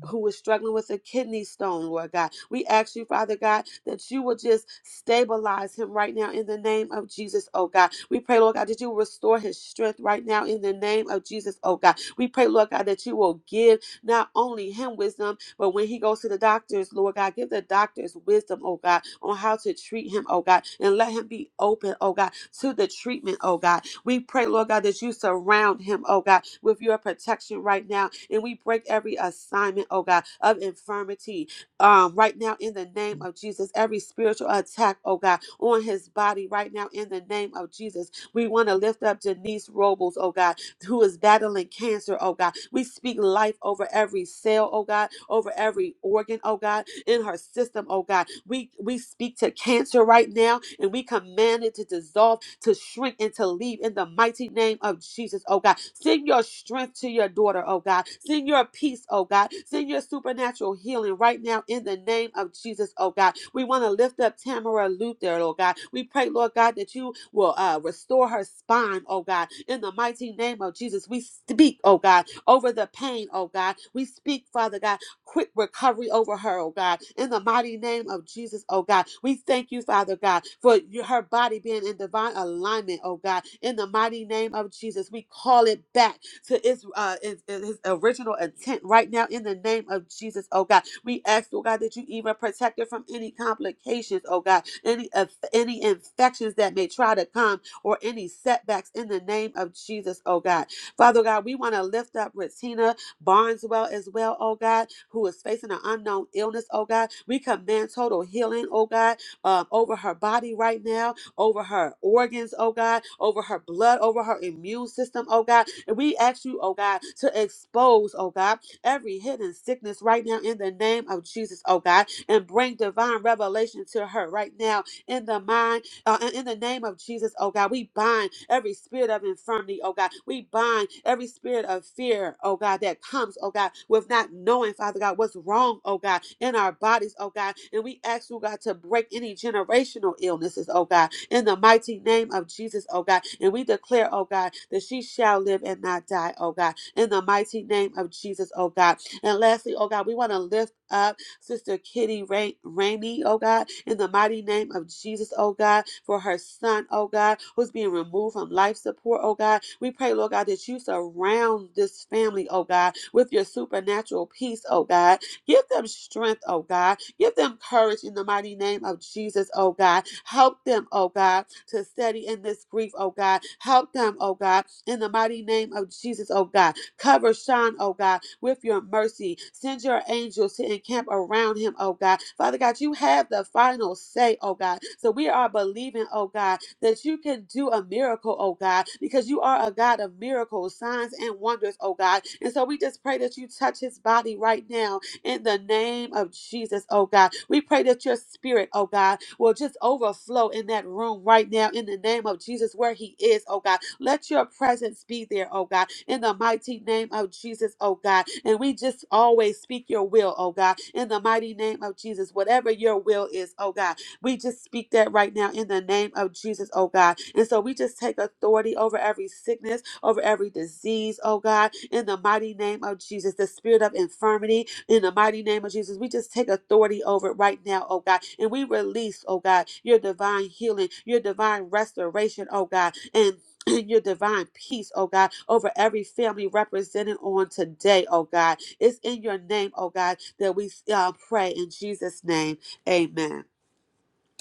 D: who is struggling with a kidney stone, Lord God. We ask you, Father God, that you will just stabilize him right now in the name of Jesus, oh God. We pray, Lord God, that you will restore his strength right now in the name of Jesus, oh God. We pray, Lord God, that you will give not only him wisdom, but when he goes to the doctors, Lord God, give the doctors wisdom, oh God, on how to treat him, oh God, and let him be open, oh God, to the treatment, oh God. We pray, Lord God, that you surround him, oh God, with your protection right now. And we break every assignment, oh God, of infirmity um, right now in the name of Jesus. Every spiritual attack, oh God, on his body right now in the name of Jesus. We want to lift up Denise Robles, oh God who is battling cancer, oh God. We speak life over every cell, oh God, over every organ, oh God, in her system, oh God. We we speak to cancer right now and we command it to dissolve, to shrink, and to leave in the mighty name of Jesus, oh God. Send your strength to your daughter, oh God. God. Send your peace, oh God. Send your supernatural healing right now in the name of Jesus, oh God. We want to lift up Tamara Luther, oh God. We pray, Lord God, that you will uh, restore her spine, oh God. In the mighty name of Jesus, we speak, oh God, over the pain, oh God. We speak, Father God, quick recovery over her, oh God. In the mighty name of Jesus, oh God, we thank you, Father God, for your- her body being in divine alignment, oh God. In the mighty name of Jesus, we call it back to its, uh, its, its original intent right now in the name of Jesus, oh God. We ask, oh God, that you even protect her from any complications, oh God, any of any infections that may try to come or any setbacks in the name of Jesus, oh God. Father God, we want to lift up Retina Barneswell as well, oh God, who is facing an unknown illness, oh God. We command total healing, oh God, um, over her body right now, over her organs, oh God, over her blood, over her immune system, oh God. And we ask you, oh God, to expose, oh God, every hidden sickness right now in the name of Jesus, oh God, and bring divine revelation to her right now in the mind uh, and in the name of Jesus, oh God, we bind every spirit of infirmity, oh God. We bind every spirit of fear, oh God, that comes, oh God, with not knowing, Father God, what's wrong, oh God, in our bodies, oh God. And we ask you, God, to break any generational illnesses, oh God, in the mighty name of Jesus, oh God. And we declare, oh God, that she shall live and not die, oh God, in the mighty name of Jesus, oh God. And lastly, oh God, we want to lift up. Sister Kitty Ra- Rainey, oh God, in the mighty name of Jesus, oh God, for her son, oh God, who's being removed from life support, oh God. We pray, Lord God, that you surround this family, oh God, with your supernatural peace, oh God, Give them strength, oh God. Give them courage in the mighty name of Jesus, oh God. Help them, oh God, to steady in this grief, oh God. Help them, oh God, in the mighty name of Jesus, oh God. Cover Sean, oh God, with your mercy. Send your angels to encamp around him, oh God. Father God, you have the final say, oh God. So we are believing, oh God, that you can do a miracle, oh God, because you are a God of miracles, signs, and wonders, oh God. And so we just pray that you touch his body right now in the name of Jesus, oh God. We pray that your spirit, oh God, will just overflow in that room right now in the name of Jesus where he is, oh God. Let your presence be there, oh God, in the mighty name of Jesus, oh God. And we just always speak your will, oh God, in the mighty name of Jesus, whatever your will is, oh God. We just speak that right now in the name of Jesus, oh God. And so we just take authority over every sickness, over every disease, oh God, in the mighty name of Jesus, the spirit of infirmity, in the mighty name of Jesus, we just take authority over it right now, oh God. And we release, oh God, your divine healing, your divine restoration, oh God. And and your divine peace, oh God, over every family represented on today, oh God. It's in your name, oh God, that we uh, pray in Jesus' name. Amen.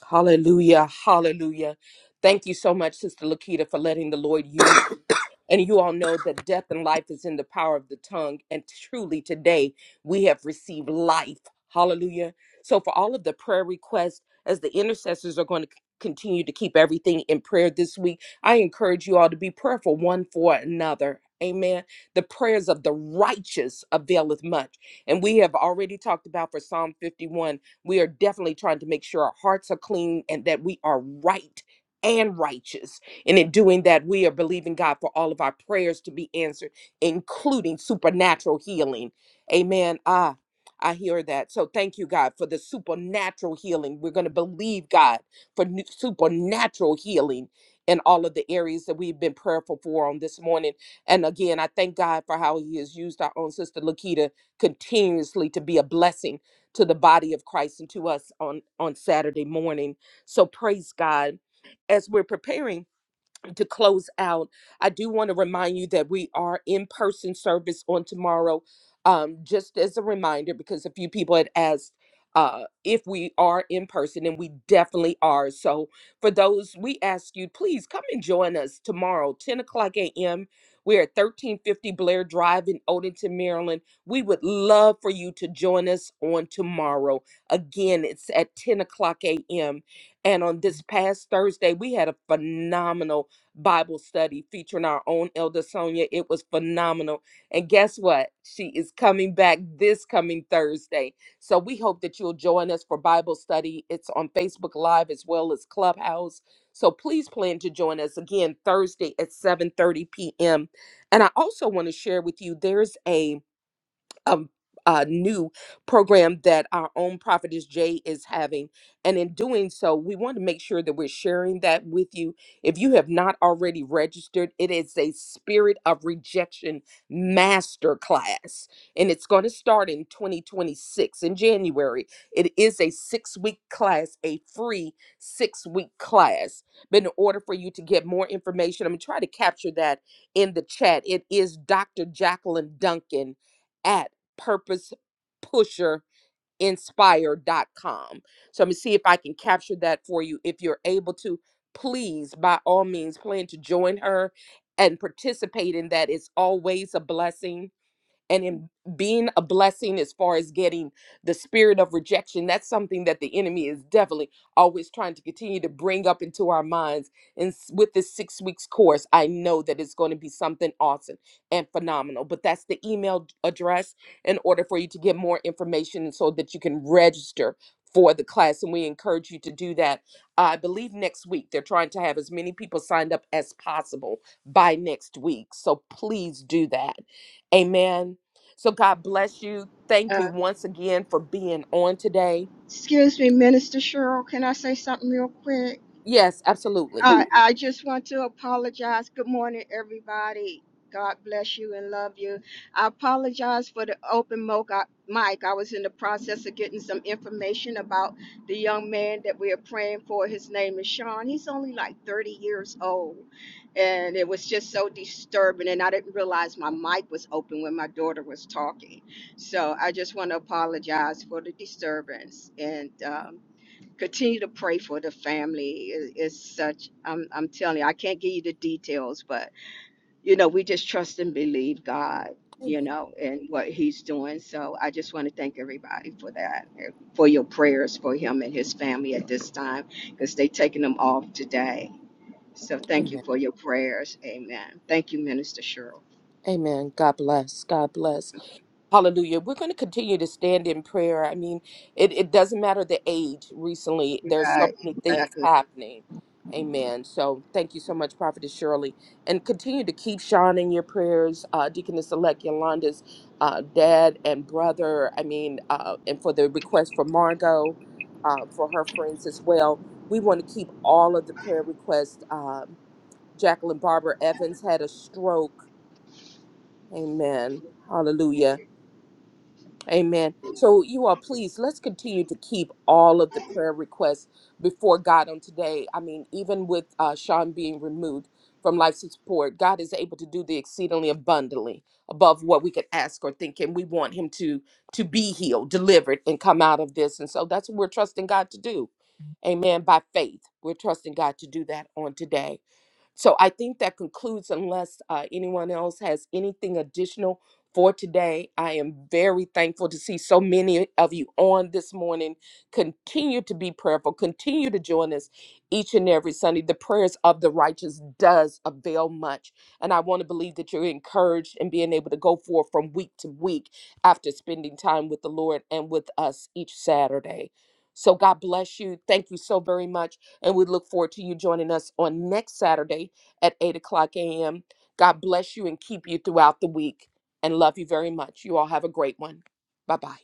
A: Hallelujah. Hallelujah. Thank you so much, Sister Lakita, for letting the Lord use you. And you all know that death and life is in the power of the tongue. And truly today we have received life. Hallelujah. So for all of the prayer requests, as the intercessors are going to c- continue to keep everything in prayer this week, I encourage you all to be prayerful one for another. Amen. The prayers of the righteous availeth much. And we have already talked about for Psalm 51 we are definitely trying to make sure our hearts are clean and that we are right and righteous. And in doing that, we are believing God for all of our prayers to be answered, including supernatural healing. Amen. Ah, I hear that. So thank you, God, for the supernatural healing. We're going to believe God for new- supernatural healing in all of the areas that we've been prayerful for on this morning. And again, I thank God for how He has used our own sister Lakita continuously to be a blessing to the body of Christ and to us on on Saturday morning. So praise God as we're preparing to close out, I do want to remind you that we are in person service on tomorrow. Um, just as a reminder, because a few people had asked uh, if we are in person, and we definitely are. So, for those, we ask you, please come and join us tomorrow, 10 o'clock a.m. We're at 1350 Blair Drive in Odenton, Maryland. We would love for you to join us on tomorrow. Again, it's at 10 o'clock a.m. And on this past Thursday, we had a phenomenal Bible study featuring our own Elder Sonia. It was phenomenal. And guess what? She is coming back this coming Thursday. So we hope that you'll join us for Bible study. It's on Facebook Live as well as Clubhouse. So please plan to join us again Thursday at 7:30 p.m. And I also want to share with you there's a um, uh, new program that our own prophetess Jay is having. And in doing so, we want to make sure that we're sharing that with you. If you have not already registered, it is a spirit of rejection master class. And it's going to start in 2026 in January. It is a six week class, a free six week class. But in order for you to get more information, I'm going to try to capture that in the chat. It is Dr. Jacqueline Duncan. at purpose pusher inspire.com. So I'm gonna see if I can capture that for you. If you're able to, please, by all means, plan to join her and participate in that. It's always a blessing and in being a blessing as far as getting the spirit of rejection that's something that the enemy is definitely always trying to continue to bring up into our minds and s- with this six weeks course i know that it's going to be something awesome and phenomenal but that's the email d- address in order for you to get more information so that you can register for the class and we encourage you to do that i believe next week they're trying to have as many people signed up as possible by next week so please do that amen so God bless you. Thank you
E: Uh,
A: once again for being on today.
E: excuse me, Minister Cheryl. Can I say something real quick?
A: Yes, absolutely.
E: I, I just want to apologize. Good morning, everybody. God bless you and love you. I apologize for the open mo- I- mic. I was in the process of getting some information about the young man that we are praying for. His name is Sean. He's only like 30 years old. And it was just so disturbing. And I didn't realize my mic was open when my daughter was talking. So I just want to apologize for the disturbance. And um, continue to pray for the family It- it's such i'm i'm telling you i can't give you the details but you know we just trust and believe god you
A: Amen.
E: know and what he's doing so i just want to thank everybody for that and for your prayers for him and his family at this time because they taking them off today so thank you
A: Amen.
E: for your prayers amen thank you minister cheryl
A: Amen. God bless. God bless. Hallelujah. We're going to continue to stand in prayer. I mean, it, it doesn't matter the age recently, there's so
E: right.
A: many things
E: Exactly.
A: happening. Amen. So thank you so much, Prophetess Shirley. And continue to keep Sean in your prayers, uh, Deaconess Elect Yolanda's uh, dad and brother. I mean, uh, and for the request for Margot, uh, for her friends as well. We want to keep all of the prayer requests. Um, Jacqueline Barber Evans had a stroke. Amen. Hallelujah Amen. So you all, please, let's continue to keep all of the prayer requests before God on today. I mean, even with uh, Sean being removed from life support, God is able to do the exceedingly abundantly above what we could ask or think, and we want Him to to be healed, delivered, and come out of this. And so that's what we're trusting God to do. Amen. By faith, we're trusting God to do that on today. So I think that concludes, unless uh, anyone else has anything additional for today. I am very thankful to see so many of you on this morning. Continue to be prayerful. Continue to join us each and every Sunday. The prayers of the righteous does avail much. And I want to believe that you're encouraged and being able to go forth from week to week after spending time with the Lord and with us each Saturday. So God bless you. Thank you so very much. And we look forward to you joining us on next Saturday at 8 o'clock a.m. God bless you and keep you throughout the week and love you very much. You all have a great one. Bye bye.